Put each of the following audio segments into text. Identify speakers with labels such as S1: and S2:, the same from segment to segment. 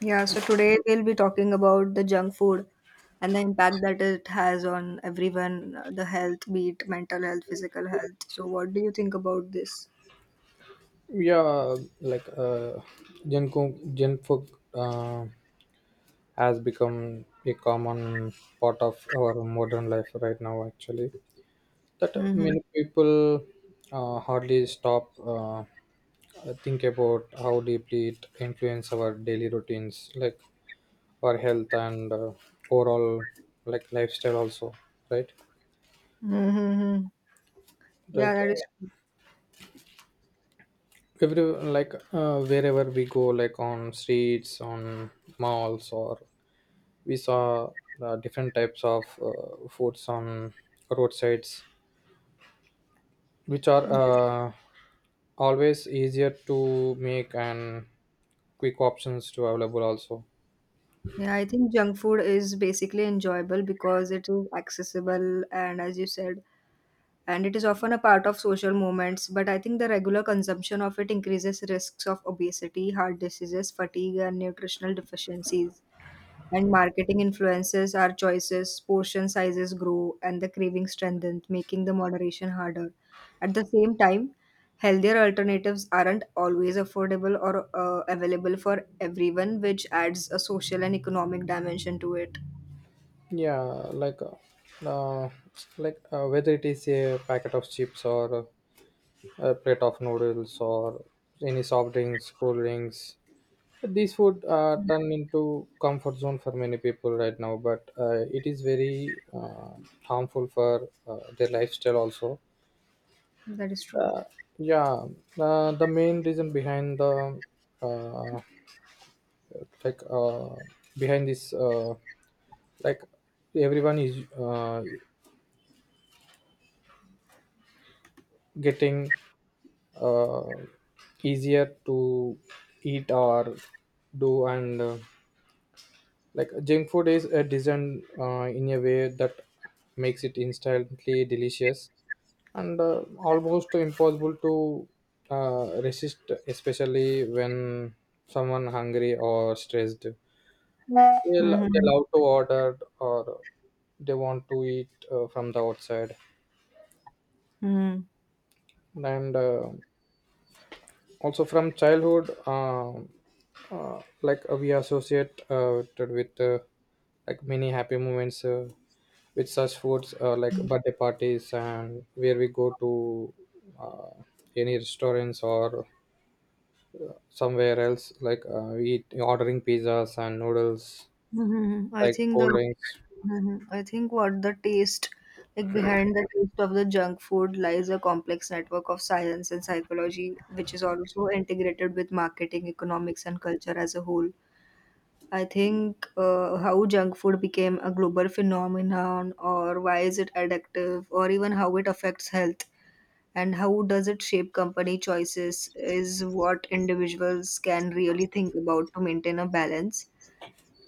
S1: Yeah, so today we'll be talking about the junk food and the impact that it has on everyone, the health, be it mental health, physical health. So, what do you think about this?
S2: Yeah, like gen food has become a common part of our modern life right now, actually, that
S1: Mm-hmm.
S2: many people hardly stop think about how deeply it influences our daily routines, like our health and overall, like, lifestyle also, right?
S1: Mm-hmm.
S2: Right.
S1: Yeah, that is.
S2: Every, like wherever we go, like on streets, on malls, or we saw different types of foods on roadsides, which are uh, always easier to make and quick options to available also.
S1: Yeah, I think junk food is basically enjoyable because it is accessible and, as you said, and it is often a part of social moments. But I think the regular consumption of it increases risks of obesity, heart diseases, fatigue, and nutritional deficiencies. And marketing influences our choices, portion sizes grow, and the craving strengthens, making the moderation harder. At the same time, healthier alternatives aren't always affordable or available for everyone, which adds a social and economic dimension to it.
S2: Yeah, like uh, uh, like whether it is a packet of chips or a plate of noodles or any soft drinks, cool drinks, these food turn into comfort zone for many people right now, but it is very harmful for their lifestyle also.
S1: That is true.
S2: Yeah, the main reason behind the uh, like behind this like everyone is getting uh, easier to eat or do, and like junk food is designed in a way that makes it instantly delicious and almost impossible to resist, especially when someone hungry or stressed.
S1: Mhm.
S2: They love to order or they want to eat from the outside.
S1: Mhm.
S2: And also from childhood, um like we associate it with like many happy moments with such foods like birthday parties, and where we go to uh, any restaurants or somewhere else, like we eat ordering pizzas and noodles,
S1: Mhm. I
S2: like
S1: think the
S2: cold drinks.
S1: Mhm. I think what the taste, like behind the taste of the junk food lies a complex network of science and psychology, which is also integrated with marketing, economics, and culture as a whole. I think how junk food became a global phenomenon, or why is it addictive, or even how it affects health, and how does it shape company choices, is what individuals can really think about to maintain a balance.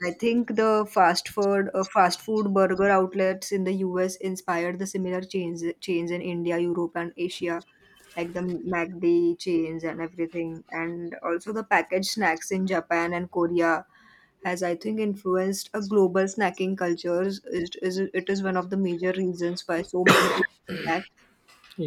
S1: I think the fast food burger outlets in the US inspired the similar chains in India, Europe, and Asia, like the McD chains and everything, and also the packaged snacks in Japan and Korea has, I think, influenced a global snacking culture. It is one of the major reasons why so many people snack,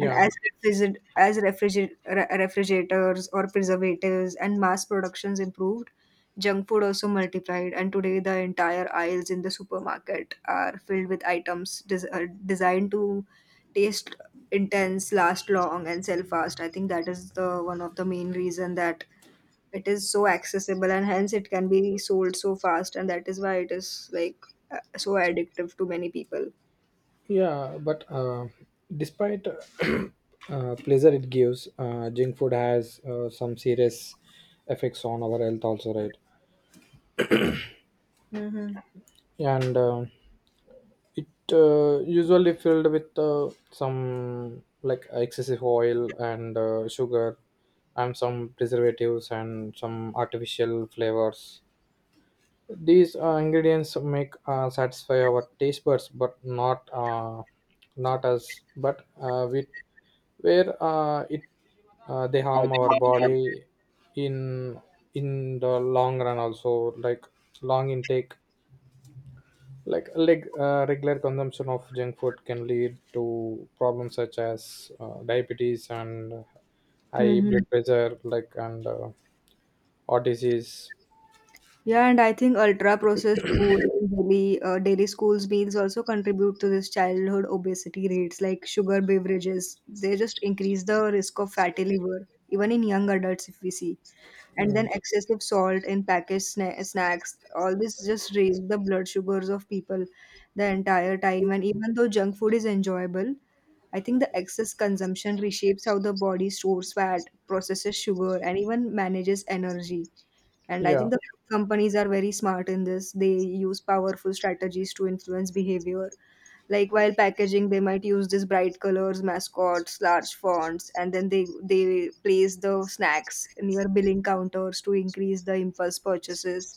S1: and as refrigerators or preservatives and mass productions improved, junk food also multiplied, and today the entire aisles in the supermarket are filled with items designed to taste intense, last long and sell fast. I think that is the one of the main reason that it is so accessible, and hence it can be sold so fast, and that is why it is like so addictive to many people.
S2: Yeah, but despite pleasure it gives, junk food has some serious effects on our health also, right?
S1: Mm-hmm.
S2: And it usually filled with some, like, excessive oil and sugar, and some preservatives and some artificial flavors. These ingredients make satisfy our taste buds, but not us. But with where it they
S1: I
S2: harm our
S1: think.
S2: body in in the long run also, like long intake, like, regular consumption of junk food can lead to problems such as diabetes and high
S1: Mm-hmm.
S2: blood pressure, like, and heart disease.
S1: Yeah, and I think ultra-processed food in daily schools meals also contribute to this childhood obesity rates, like sugar beverages. They just increase the risk of fatty liver, even in young adults, if we see. And then
S2: Mm.
S1: excessive salt in packaged snacks, all this just raise the blood sugars of people the entire time. And even though junk food is enjoyable, I think the excess consumption reshapes how the body stores fat, processes sugar, and even manages energy. And I
S2: Yeah,
S1: think the companies are very smart in this. They use powerful strategies to influence behavior. Like, while packaging, they might use these bright colors, mascots, large fonts, and then they place the snacks near billing counters to increase the impulse purchases.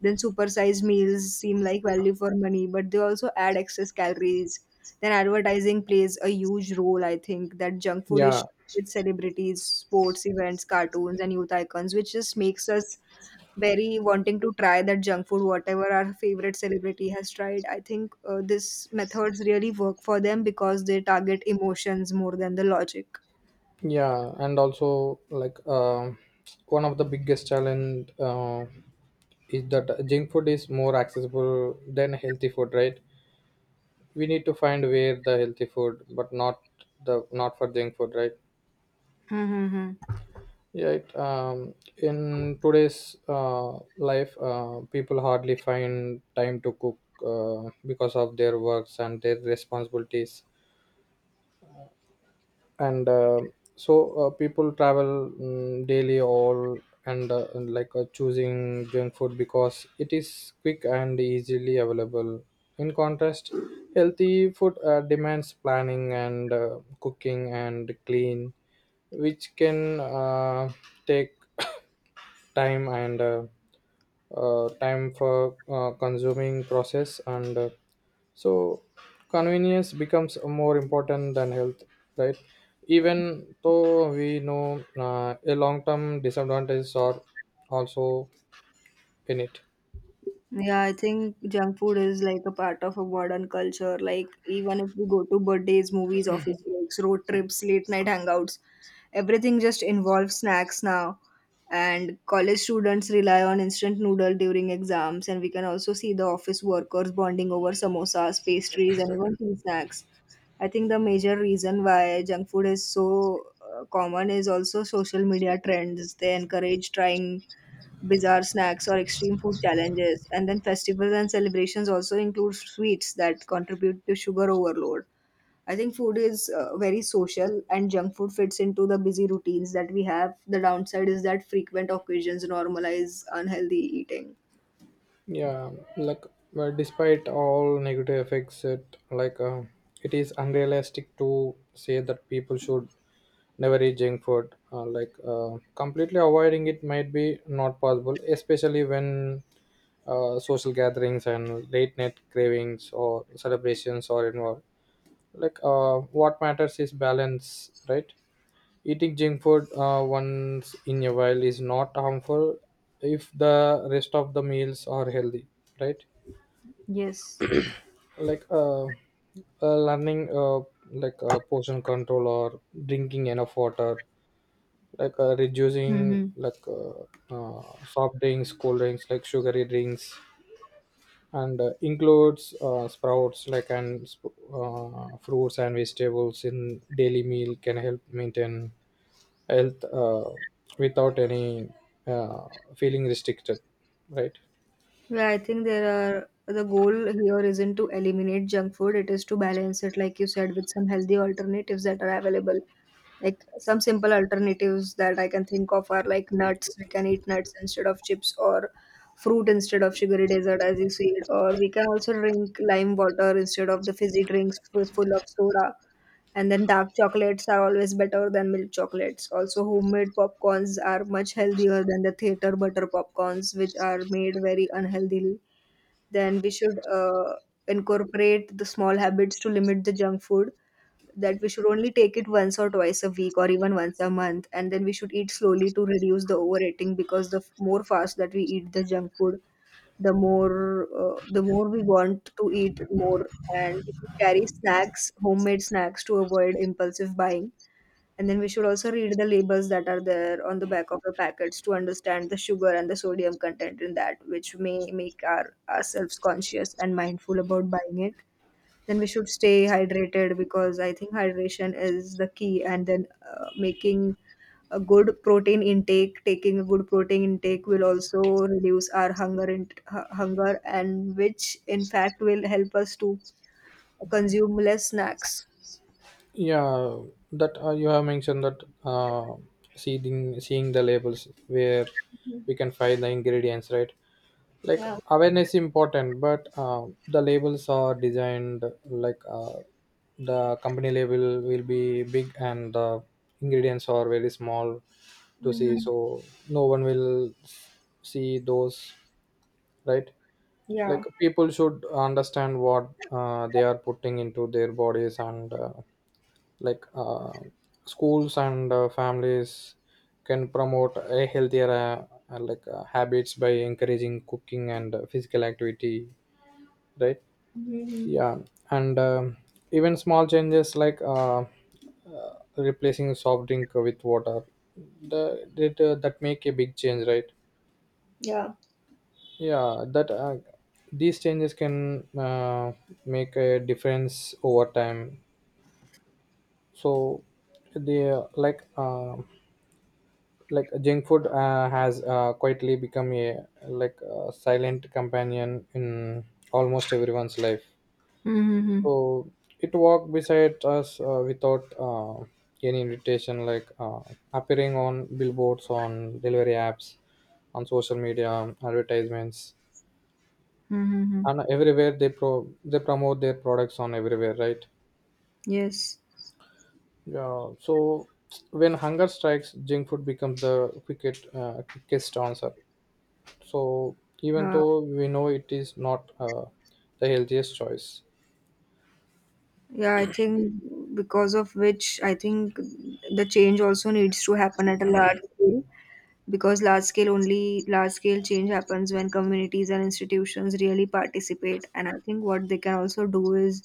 S1: Then supersized meals seem like value for money, but they also add excess calories. Then advertising plays a huge role, I think, that junk food is
S2: yeah,
S1: with celebrities, sports events, cartoons, and youth icons, which just makes us very wanting to try that junk food whatever our favorite celebrity has tried. I think this methods really work for them because they target emotions more than the logic.
S2: yeah, and also like one of the biggest challenge is that junk food is more accessible than healthy food, right? We need to find where the healthy food, but not the not for junk food, right?
S1: Mm-hmm.
S2: Yeah, in today's life people hardly find time to cook because of their works and their responsibilities. And so people travel, daily all, and like choosing junk food because it is quick and easily available. In contrast, healthy food demands planning and cooking and clean, which can take time and time for consuming process. And so convenience becomes more important than health, right? Even though we know a long term disadvantages are also in it.
S1: Yeah, I think junk food is like a part of a modern culture. Like, even if we go to birthdays, movies, office breaks, road trips, late night hangouts, everything just involves snacks now. And college students rely on instant noodle during exams, and we can also see the office workers bonding over samosas, pastries, and even tea snacks. I think the major reason why junk food is so common is also social media trends. They encourage trying bizarre snacks or extreme food challenges. And then festivals and celebrations also include sweets that contribute to sugar overload. I think food is very social, and junk food fits into the busy routines that we have. The downside is that frequent occasions normalize unhealthy eating.
S2: Yeah, like, well, despite all negative effects, it is unrealistic to say that people should never eat junk food, like completely avoiding it might be not possible, especially when social gatherings and late night cravings or celebrations are involved. Like, what matters is balance, right? Eating junk food once in a while is not harmful if the rest of the meals are healthy, right?
S1: Yes.
S2: Like, learning, like portion control, or drinking enough water, like reducing,
S1: Mm-hmm.
S2: like uh, soft drinks, cold drinks, like sugary drinks, and includes sprouts, like, and fruits and vegetables in daily meal, can help maintain health without any uh, feeling restricted, right?
S1: Yeah, I think there are the goal here isn't to eliminate junk food, it is to balance it, like you said, with some healthy alternatives that are available. Like some simple alternatives that I can think of are like nuts. We can eat nuts instead of chips, or fruit instead of sugary dessert, as you said, or we can also drink lime water instead of the fizzy drinks full of soda. And then dark chocolates are always better than milk chocolates. Also, homemade popcorns are much healthier than the theater butter popcorns, which are made very unhealthily. Then we should incorporate the small habits to limit the junk food, that we should only take it once or twice a week or even once a month, and then we should eat slowly to reduce the overeating, because the more fast that we eat the junk food, the more we want to eat more. And we should carry snacks, homemade snacks, to avoid impulsive buying. And then we should also read the labels that are there on the back of the packets to understand the sugar and the sodium content in that, which may make our ourselves conscious and mindful about buying it. Then we should stay hydrated, because I think hydration is the key. And then making a good protein intake, taking a good protein intake will also reduce our hunger and hunger, and which in fact will help us to consume less snacks.
S2: Yeah, that you have mentioned, that uh, seeing the labels where we can find the ingredients, right? Like,
S1: Yeah.
S2: awareness important, but the labels are designed, like the company label will be big and the ingredients are very small to see,
S1: Mm-hmm.
S2: so no one will see those, right?
S1: Yeah.
S2: Like, people should understand what they are putting into their bodies, and like schools and families can promote a healthier like habits by encouraging cooking and physical activity, right?
S1: Mm-hmm.
S2: Yeah. And even small changes, like replacing soft drink with water, the, that that make a big change, right?
S1: Yeah.
S2: Yeah, that these changes can make a difference over time. So the like junk food has quietly become a, like, a silent companion in almost everyone's life.
S1: Mm-hmm.
S2: So it walked beside us without any invitation, like appearing on billboards, on delivery apps, on social media, on advertisements.
S1: Mm-hmm.
S2: And everywhere, they promote their products on everywhere, right?
S1: Yes.
S2: Yeah. So when hunger strikes, junk food becomes the quickest answer. So even
S1: Uh,
S2: though we know it is not the healthiest choice.
S1: yeah, I think because of which I think the change also needs to happen at a large scale. Because large scale change happens when communities and institutions really participate, and I think what they can also do is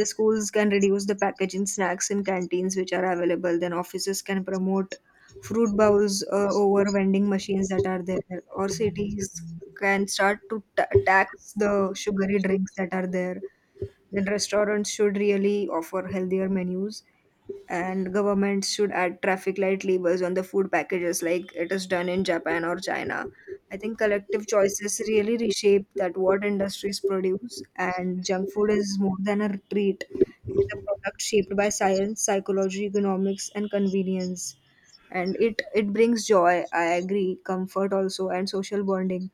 S1: the schools can reduce the packaging snacks in canteens which are available, then offices can promote fruit bowls over vending machines that are there, or cities can start to ta tax the sugary drinks that are there, then restaurants should really offer healthier menus, and governments should add traffic light labels on the food packages like it is done in Japan or China. I think collective choices really reshape that what industries produce, and junk food is more than a treat. It's a product shaped by science, psychology, economics and convenience. And it brings joy, I agree, comfort also and social bonding.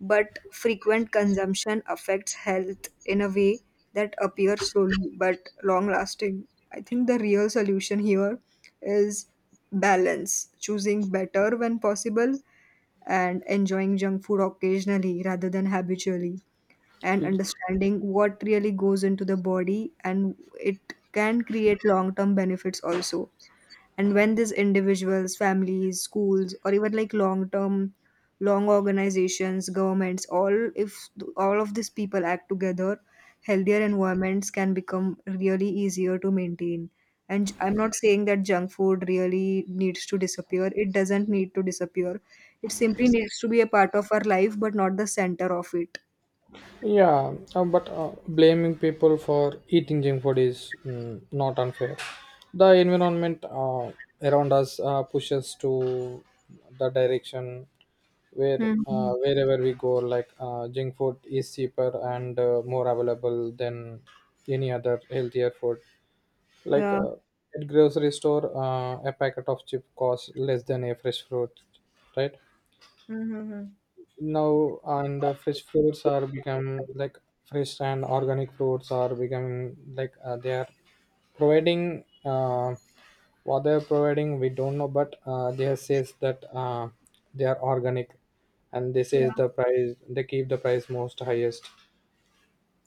S1: But frequent consumption affects health in a way that appears slowly but long lasting. I think the real solution here is balance, choosing better when possible and enjoying junk food occasionally rather than habitually, and understanding what really goes into the body, and it can create long term benefits also. And when these individuals, families, schools, or even like long organizations, governments, all, if all of these people act together, healthier environments can become really easier to maintain. And I'm not saying that junk food really needs to disappear, it doesn't need to disappear, it simply needs to be a part of our life but not the center of it.
S2: Yeah, but blaming people for eating junk food is, not unfair. The environment around us pushes to the direction where
S1: Hmm.
S2: wherever we go, like junk food is cheaper and more available than any other healthier food. Like,
S1: Yeah.
S2: at grocery store, a packet of chip costs less than a fresh fruit, right?
S1: Mm-hmm.
S2: Now and fresh fruits are become like, fresh and organic fruits are becoming like, they are providing what they are providing we don't know, but they are says that they are organic, and they
S1: Yeah.
S2: says the price, they keep the price most highest.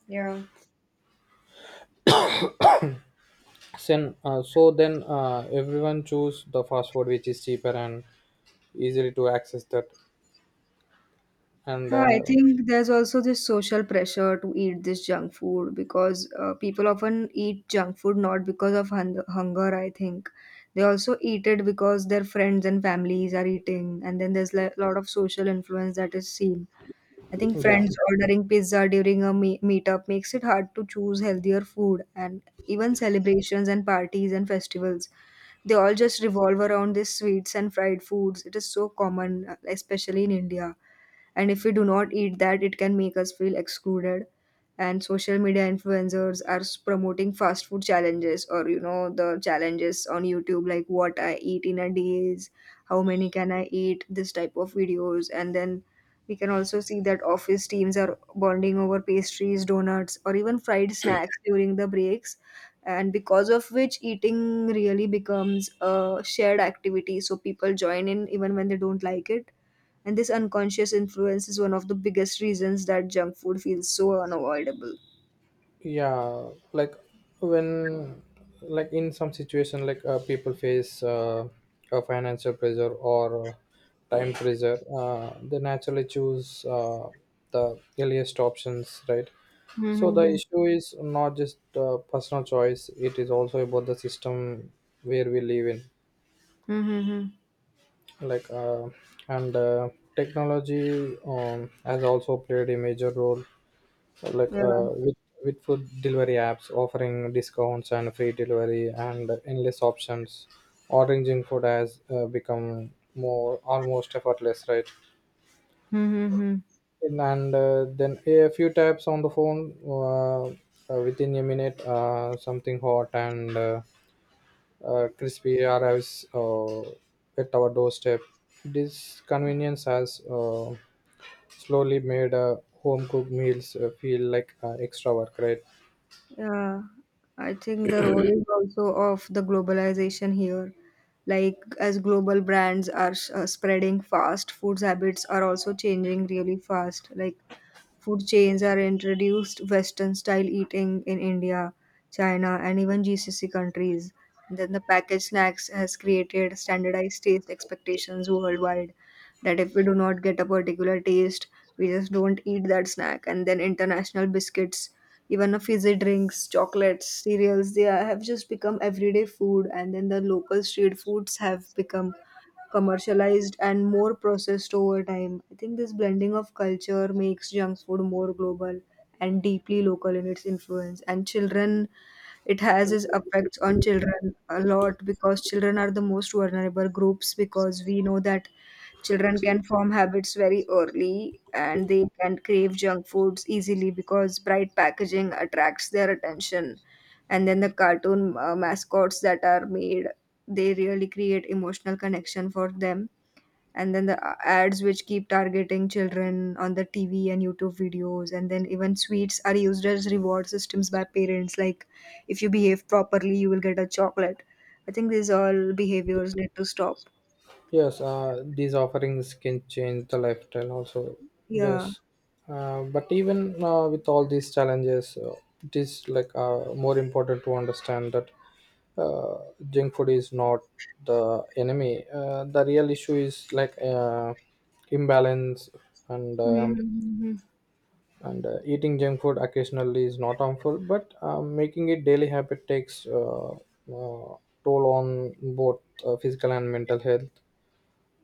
S1: Yeah.
S2: Then, so then everyone choose the fast food which is cheaper and easily to access that, and
S1: Yeah, I think there's also this social pressure to eat this junk food because people often eat junk food not because of hunger, I think. They also eat it because their friends and families are eating, and then there's a lot of social influence that is seen. I think
S2: yeah.
S1: friends ordering pizza during a meetup makes it hard to choose healthier food, and even celebrations and parties and festivals, they all just revolve around these sweets and fried foods. It is so common, especially in India, and if we do not eat that it can make us feel excluded. And social media influencers are promoting fast food challenges, or you know the challenges on YouTube like what I eat in a day is how many can I eat, this type of videos. And then we can also see that office teams are bonding over pastries, donuts, or even fried snacks during the breaks, and because of which eating really becomes a shared activity, so people join in even when they don't like it. And this unconscious influence is one of the biggest reasons that junk food feels so unavoidable.
S2: Yeah. Like, when, like, in some situation, like people face a financial pressure or time pressure, they naturally choose the earliest options, right? So the
S1: Mm-hmm.
S2: issue is not just personal choice, it is also about the system where we live in.
S1: Mm-hmm.
S2: Like, and technology, has also played a major role, like
S1: Yeah.
S2: with food delivery apps offering discounts and free delivery and endless options. Ordering food has become more almost effortless, right?
S1: Mm-hmm.
S2: And then a few taps on the phone, within a minute, something hot and crispy arrives at our doorstep. This convenience has slowly made home cooked meals feel like extra work, right?
S1: Yeah. I think the role is also of the globalization here. Like, as global brands are spreading fast, foods habits are also changing really fast. Like, food chains are introduced Western style eating in India, China, and even GCC countries. Then the packaged snacks has created standardized taste expectations worldwide, that if we do not get a particular taste, we just don't eat that snack. And then international biscuits, even a fizzy drinks, chocolates, cereals, they are- have just become everyday food. And then the local street foods have become commercialized and more processed over time. I think this blending of culture makes junk food more global and deeply local in its influence. And children, it has its effects on children a lot because children are the most vulnerable groups because we know that children can form habits very early and they can crave junk foods easily because bright packaging attracts their attention, and then the cartoon mascots that are made, they really create emotional connection for them. And then the ads which keep targeting children on the TV and YouTube videos, and then even sweets are used as reward systems by parents, like if you behave properly you will get a chocolate. I think these all behaviors need to stop.
S2: Yes, these offerings can change the lifestyle also.
S1: Yeah.
S2: Yes, but even with all these challenges, it is, like more important to understand that uh, junk food is not the enemy. The real issue is, like imbalance, and um,
S1: Mm-hmm.
S2: and eating junk food occasionally is not harmful, but making it daily habit takes toll on both physical and mental health.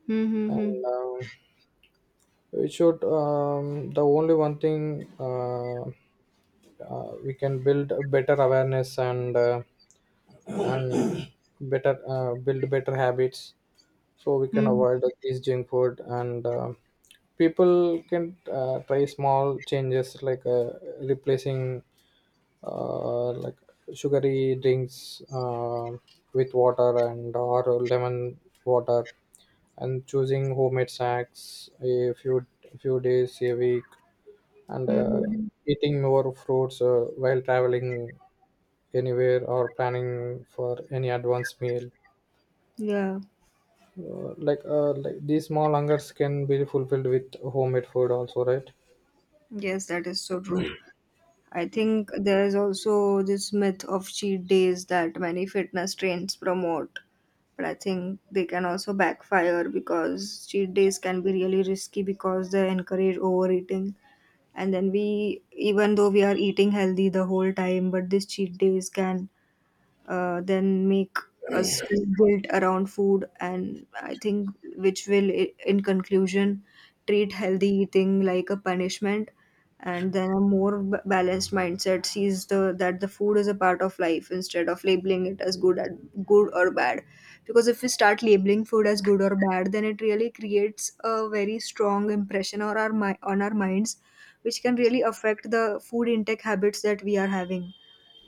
S1: Mm-hmm.
S2: And It should the only one thing we can build a better awareness, and better, build better habits, so we can avoid these junk food. And people can try small changes, like replacing, like sugary drinks with water and or lemon water, and choosing homemade snacks a few days a week, and
S1: Mm-hmm.
S2: eating more fruits while traveling anywhere, or planning for any advanced meal.
S1: Yeah.
S2: Like like these small hungers can be fulfilled with homemade food also, right?
S1: Yes, that is so true. I think there is also this myth of cheat days that many fitness trains promote, but I think they can also backfire because cheat days can be really risky because they encourage overeating. And then we, even though we are eating healthy the whole time, but these cheat days can then make us feel guilt around food. And I think, which will, in conclusion, treat healthy eating like a punishment. And then a more balanced mindset sees the that the food is a part of life, instead of labeling it as good or bad, because if we start labeling food as good or bad, then it really creates a very strong impression on our minds, which can really affect the food intake habits that we are having.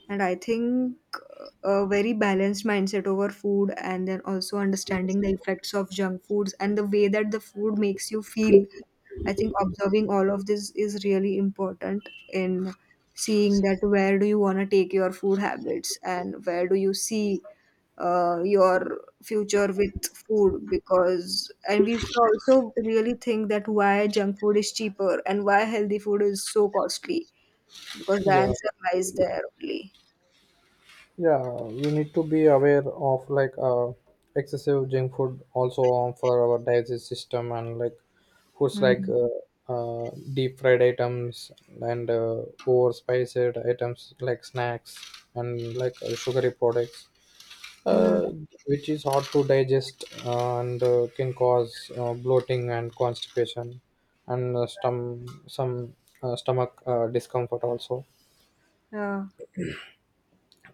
S1: And I think, a very balanced mindset over food, and then also understanding the effects of junk foods and the way that the food makes you feel. I think observing all of this is really important in seeing that where do you want to take your food habits and where do you see your future with food. Because, and we should also really think that why junk food is cheaper and why healthy food is so costly, because the
S2: Yeah.
S1: answer lies there only.
S2: Yeah, we need to be aware of, like excessive junk food also on for our digestive system, and like foods, like
S1: Mm.
S2: deep fried items, and over spiced items like snacks, and like sugary products,
S1: Mm.
S2: uh, which is hard to digest and can cause bloating and constipation, and some stomach discomfort also.
S1: Yeah.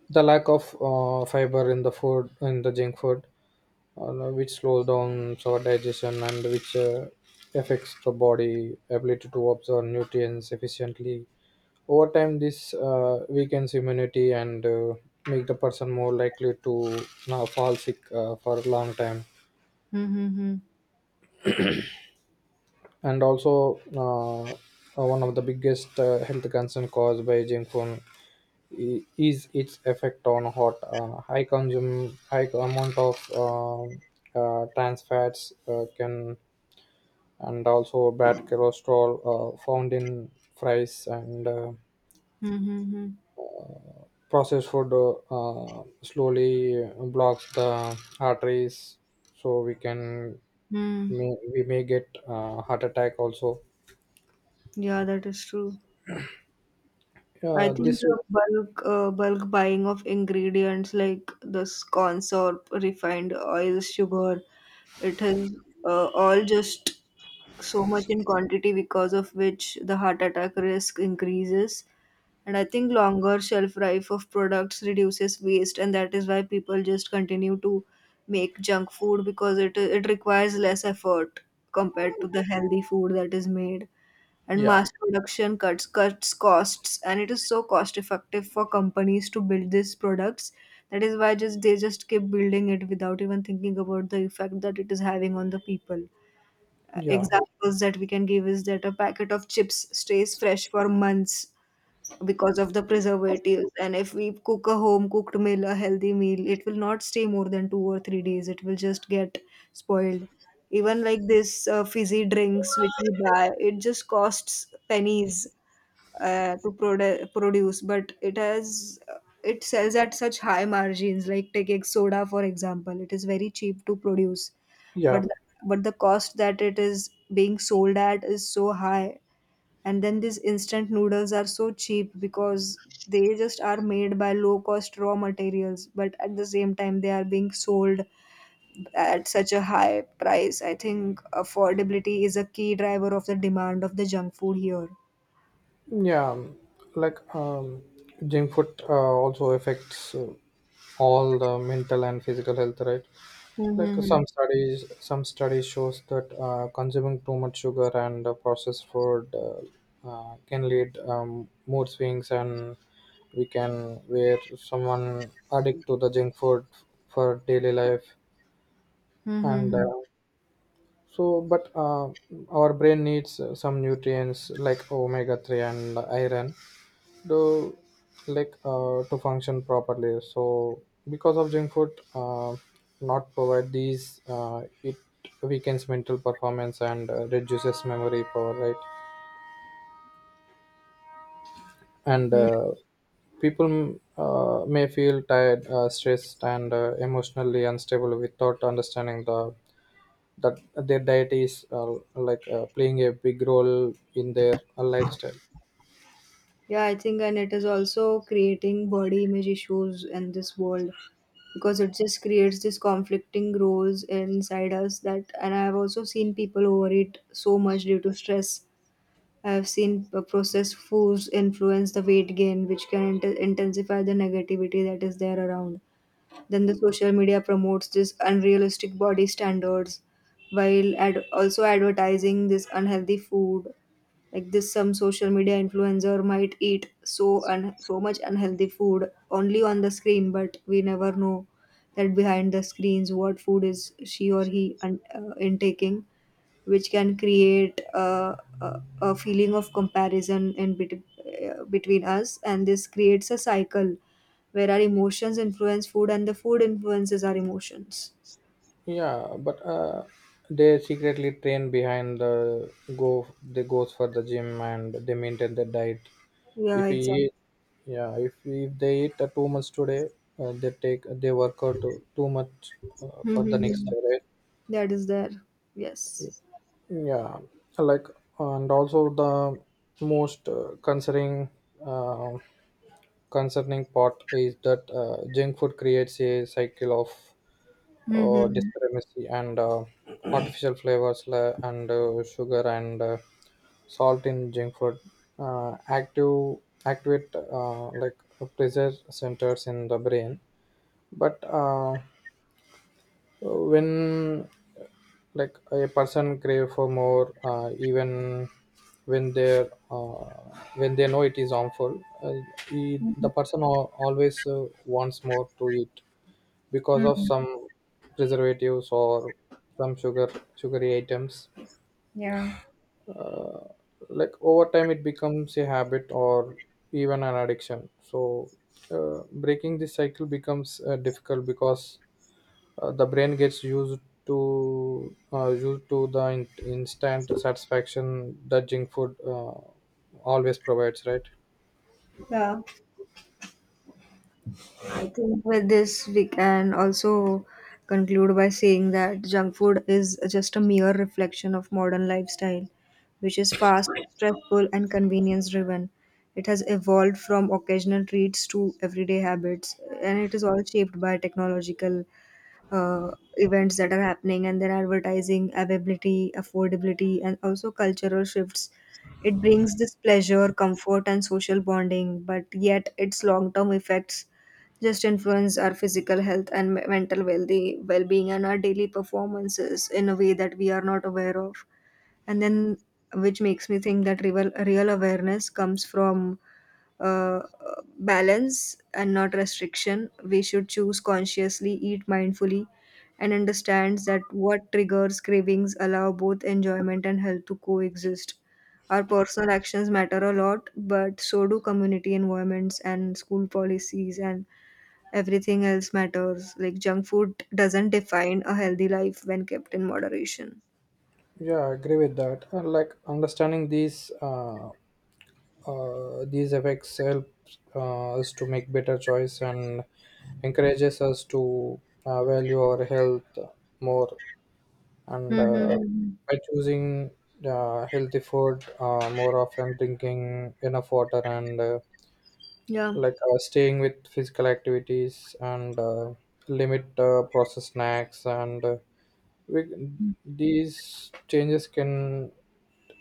S2: The lack of fiber in the food, in the junk food, which slows down our digestion and which affects the body ability to absorb nutrients efficiently. Over time, this weakens immunity and make the person more likely to now fall sick for a long time.
S1: Mm-hmm.
S2: And also, one of the biggest health concern caused by junk food is its effect on, hot high consume high amount of uh, trans fats can, and also bad cholesterol found in fries and
S1: Mm-hmm.
S2: processed food, uh, slowly blocks the arteries, so we can,
S1: Mm.
S2: we may get heart attack also.
S1: Yeah, that is true. I think
S2: This.
S1: the bulk buying of ingredients like the corn syrup, refined oil, sugar, it has all just so much in quantity, because of which the heart attack risk increases. And I think longer shelf life of products reduces waste, and that is why people just continue to make junk food, because it requires less effort compared to the healthy food that is made. And
S2: Yeah.
S1: mass production cuts costs, and it is so cost effective for companies to build these products. That is why just they just keep building it without even thinking about the effect that it is having on the people. uh,
S2: Yeah.
S1: Examples that we can give is that a packet of chips stays fresh for months because of the preservatives, and if we cook a home cooked meal, a healthy meal, it will not stay more than 2 or 3 days. It will just get spoiled. Even like this fizzy drinks which we buy, it just costs pennies to produce, but it sells at such high margins. Like take taking soda for example, it is very cheap to produce, but
S2: Yeah,
S1: the cost that it is being sold at is so high. And then these instant noodles are so cheap because they just are made by low cost raw materials, but at the same time they are being sold at such a high price. I think affordability is a key driver of the demand of the junk food here.
S2: yeah. Like, junk food also affects all the mental and physical health, right? Like,
S1: Mm-hmm.
S2: some studies shows that consuming too much sugar and processed food can lead, mood swings, and we can where someone addict to the junk food for daily life,
S1: Mm-hmm.
S2: and so but our brain needs some nutrients like omega-3 and iron to, like to function properly. So because of junk food not provide these, it weakens mental performance and reduces memory power, right? And
S1: Yeah.
S2: people may feel tired, stressed, and emotionally unstable without understanding the that their diet is, like playing a big role in their lifestyle.
S1: Yeah, I think, and it is also creating body image issues in this world, because it just creates this conflicting roles inside us, that, and I've also seen people overeat so much due to stress. I have seen processed foods influence the weight gain, which can intensify the negativity that is there around. Then the social media promotes this unrealistic body standards, while also advertising this unhealthy food. Like this, some social media influencer might eat so much unhealthy food only on the screen, but we never know that behind the screens what food is she or he intaking, which can create a feeling of comparison in between us, and this creates a cycle where our emotions influence food and the food influences our emotions.
S2: Yeah, but they secretly train behind the go. They goes for the gym and they maintain their diet.
S1: Yeah,
S2: If we
S1: exactly.
S2: eat, yeah, if they eat too much today, they work out too much for the next
S1: Mhm.
S2: day, right?
S1: That is there. Yes.
S2: Yeah, like, and also the most uh, concerning part is that junk food creates a cycle of
S1: Hmm.
S2: disparity and artificial flavors, and sugar and salt in junk food active activate like pleasure centers in the brain. But when, like, a person crave for more, even when they uh, when they know it is harmful, the person always wants more to eat because of some preservatives or some sugar sugary items.
S1: Yeah.
S2: Like, over time it becomes a habit or even an addiction. So breaking this cycle becomes difficult because the brain gets used to the instant satisfaction that junk food always provides, right?
S1: Yeah, I think with this, we can also conclude by saying that junk food is just a mere reflection of modern lifestyle, which is fast, stressful, and convenience driven. It has evolved from occasional treats to everyday habits, and it is all shaped by technological uh, events that are happening, and their advertising, availability, affordability, and also cultural shifts. It brings this pleasure, comfort, and social bonding, but yet its long term effects just influence our physical health and mental well being and our daily performances in a way that we are not aware of. And then, which makes me think that real, real awareness comes from uh, balance and not restriction. We should choose consciously, eat mindfully, and understand that what triggers cravings allow both enjoyment and health to coexist. Our personal actions matter a lot, but so do community environments and school policies, and everything else matters. Like junk food doesn't define a healthy life when kept in moderation.
S2: Yeah, I agree with that. And like, understanding these effects help us to make better choice and encourages us to value our health more. And
S1: Mm-hmm.
S2: by choosing healthy food more often, drinking enough water, and
S1: Yeah.
S2: like staying with physical activities, and limit processed snacks, and we, these changes can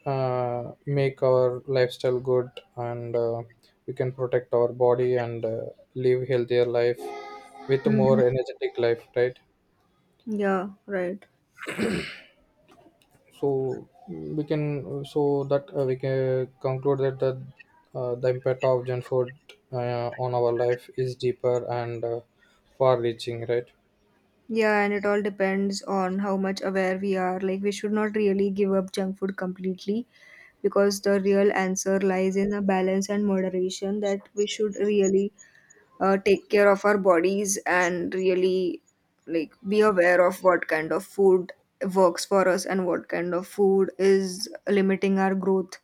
S2: make our lifestyle good. And we can protect our body and live healthier life with
S1: Hmm.
S2: more energetic life, right?
S1: Yeah, right.
S2: So that we can conclude that the impact of junk food on our life is deeper and far reaching, right?
S1: Yeah, and it all depends on how much aware we are. Like, we should not really give up junk food completely, because the real answer lies in a balance and moderation, that we should really take care of our bodies, and really, like, be aware of what kind of food works for us and what kind of food is limiting our growth,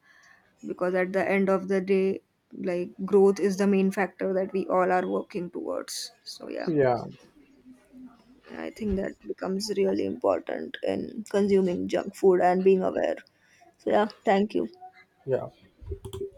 S1: because at the end of the day, like, growth is the main factor that we all are working towards, so yeah.
S2: Yeah.
S1: And I think that becomes really important in consuming junk food and being aware. So, yeah, thank you.
S2: Yeah.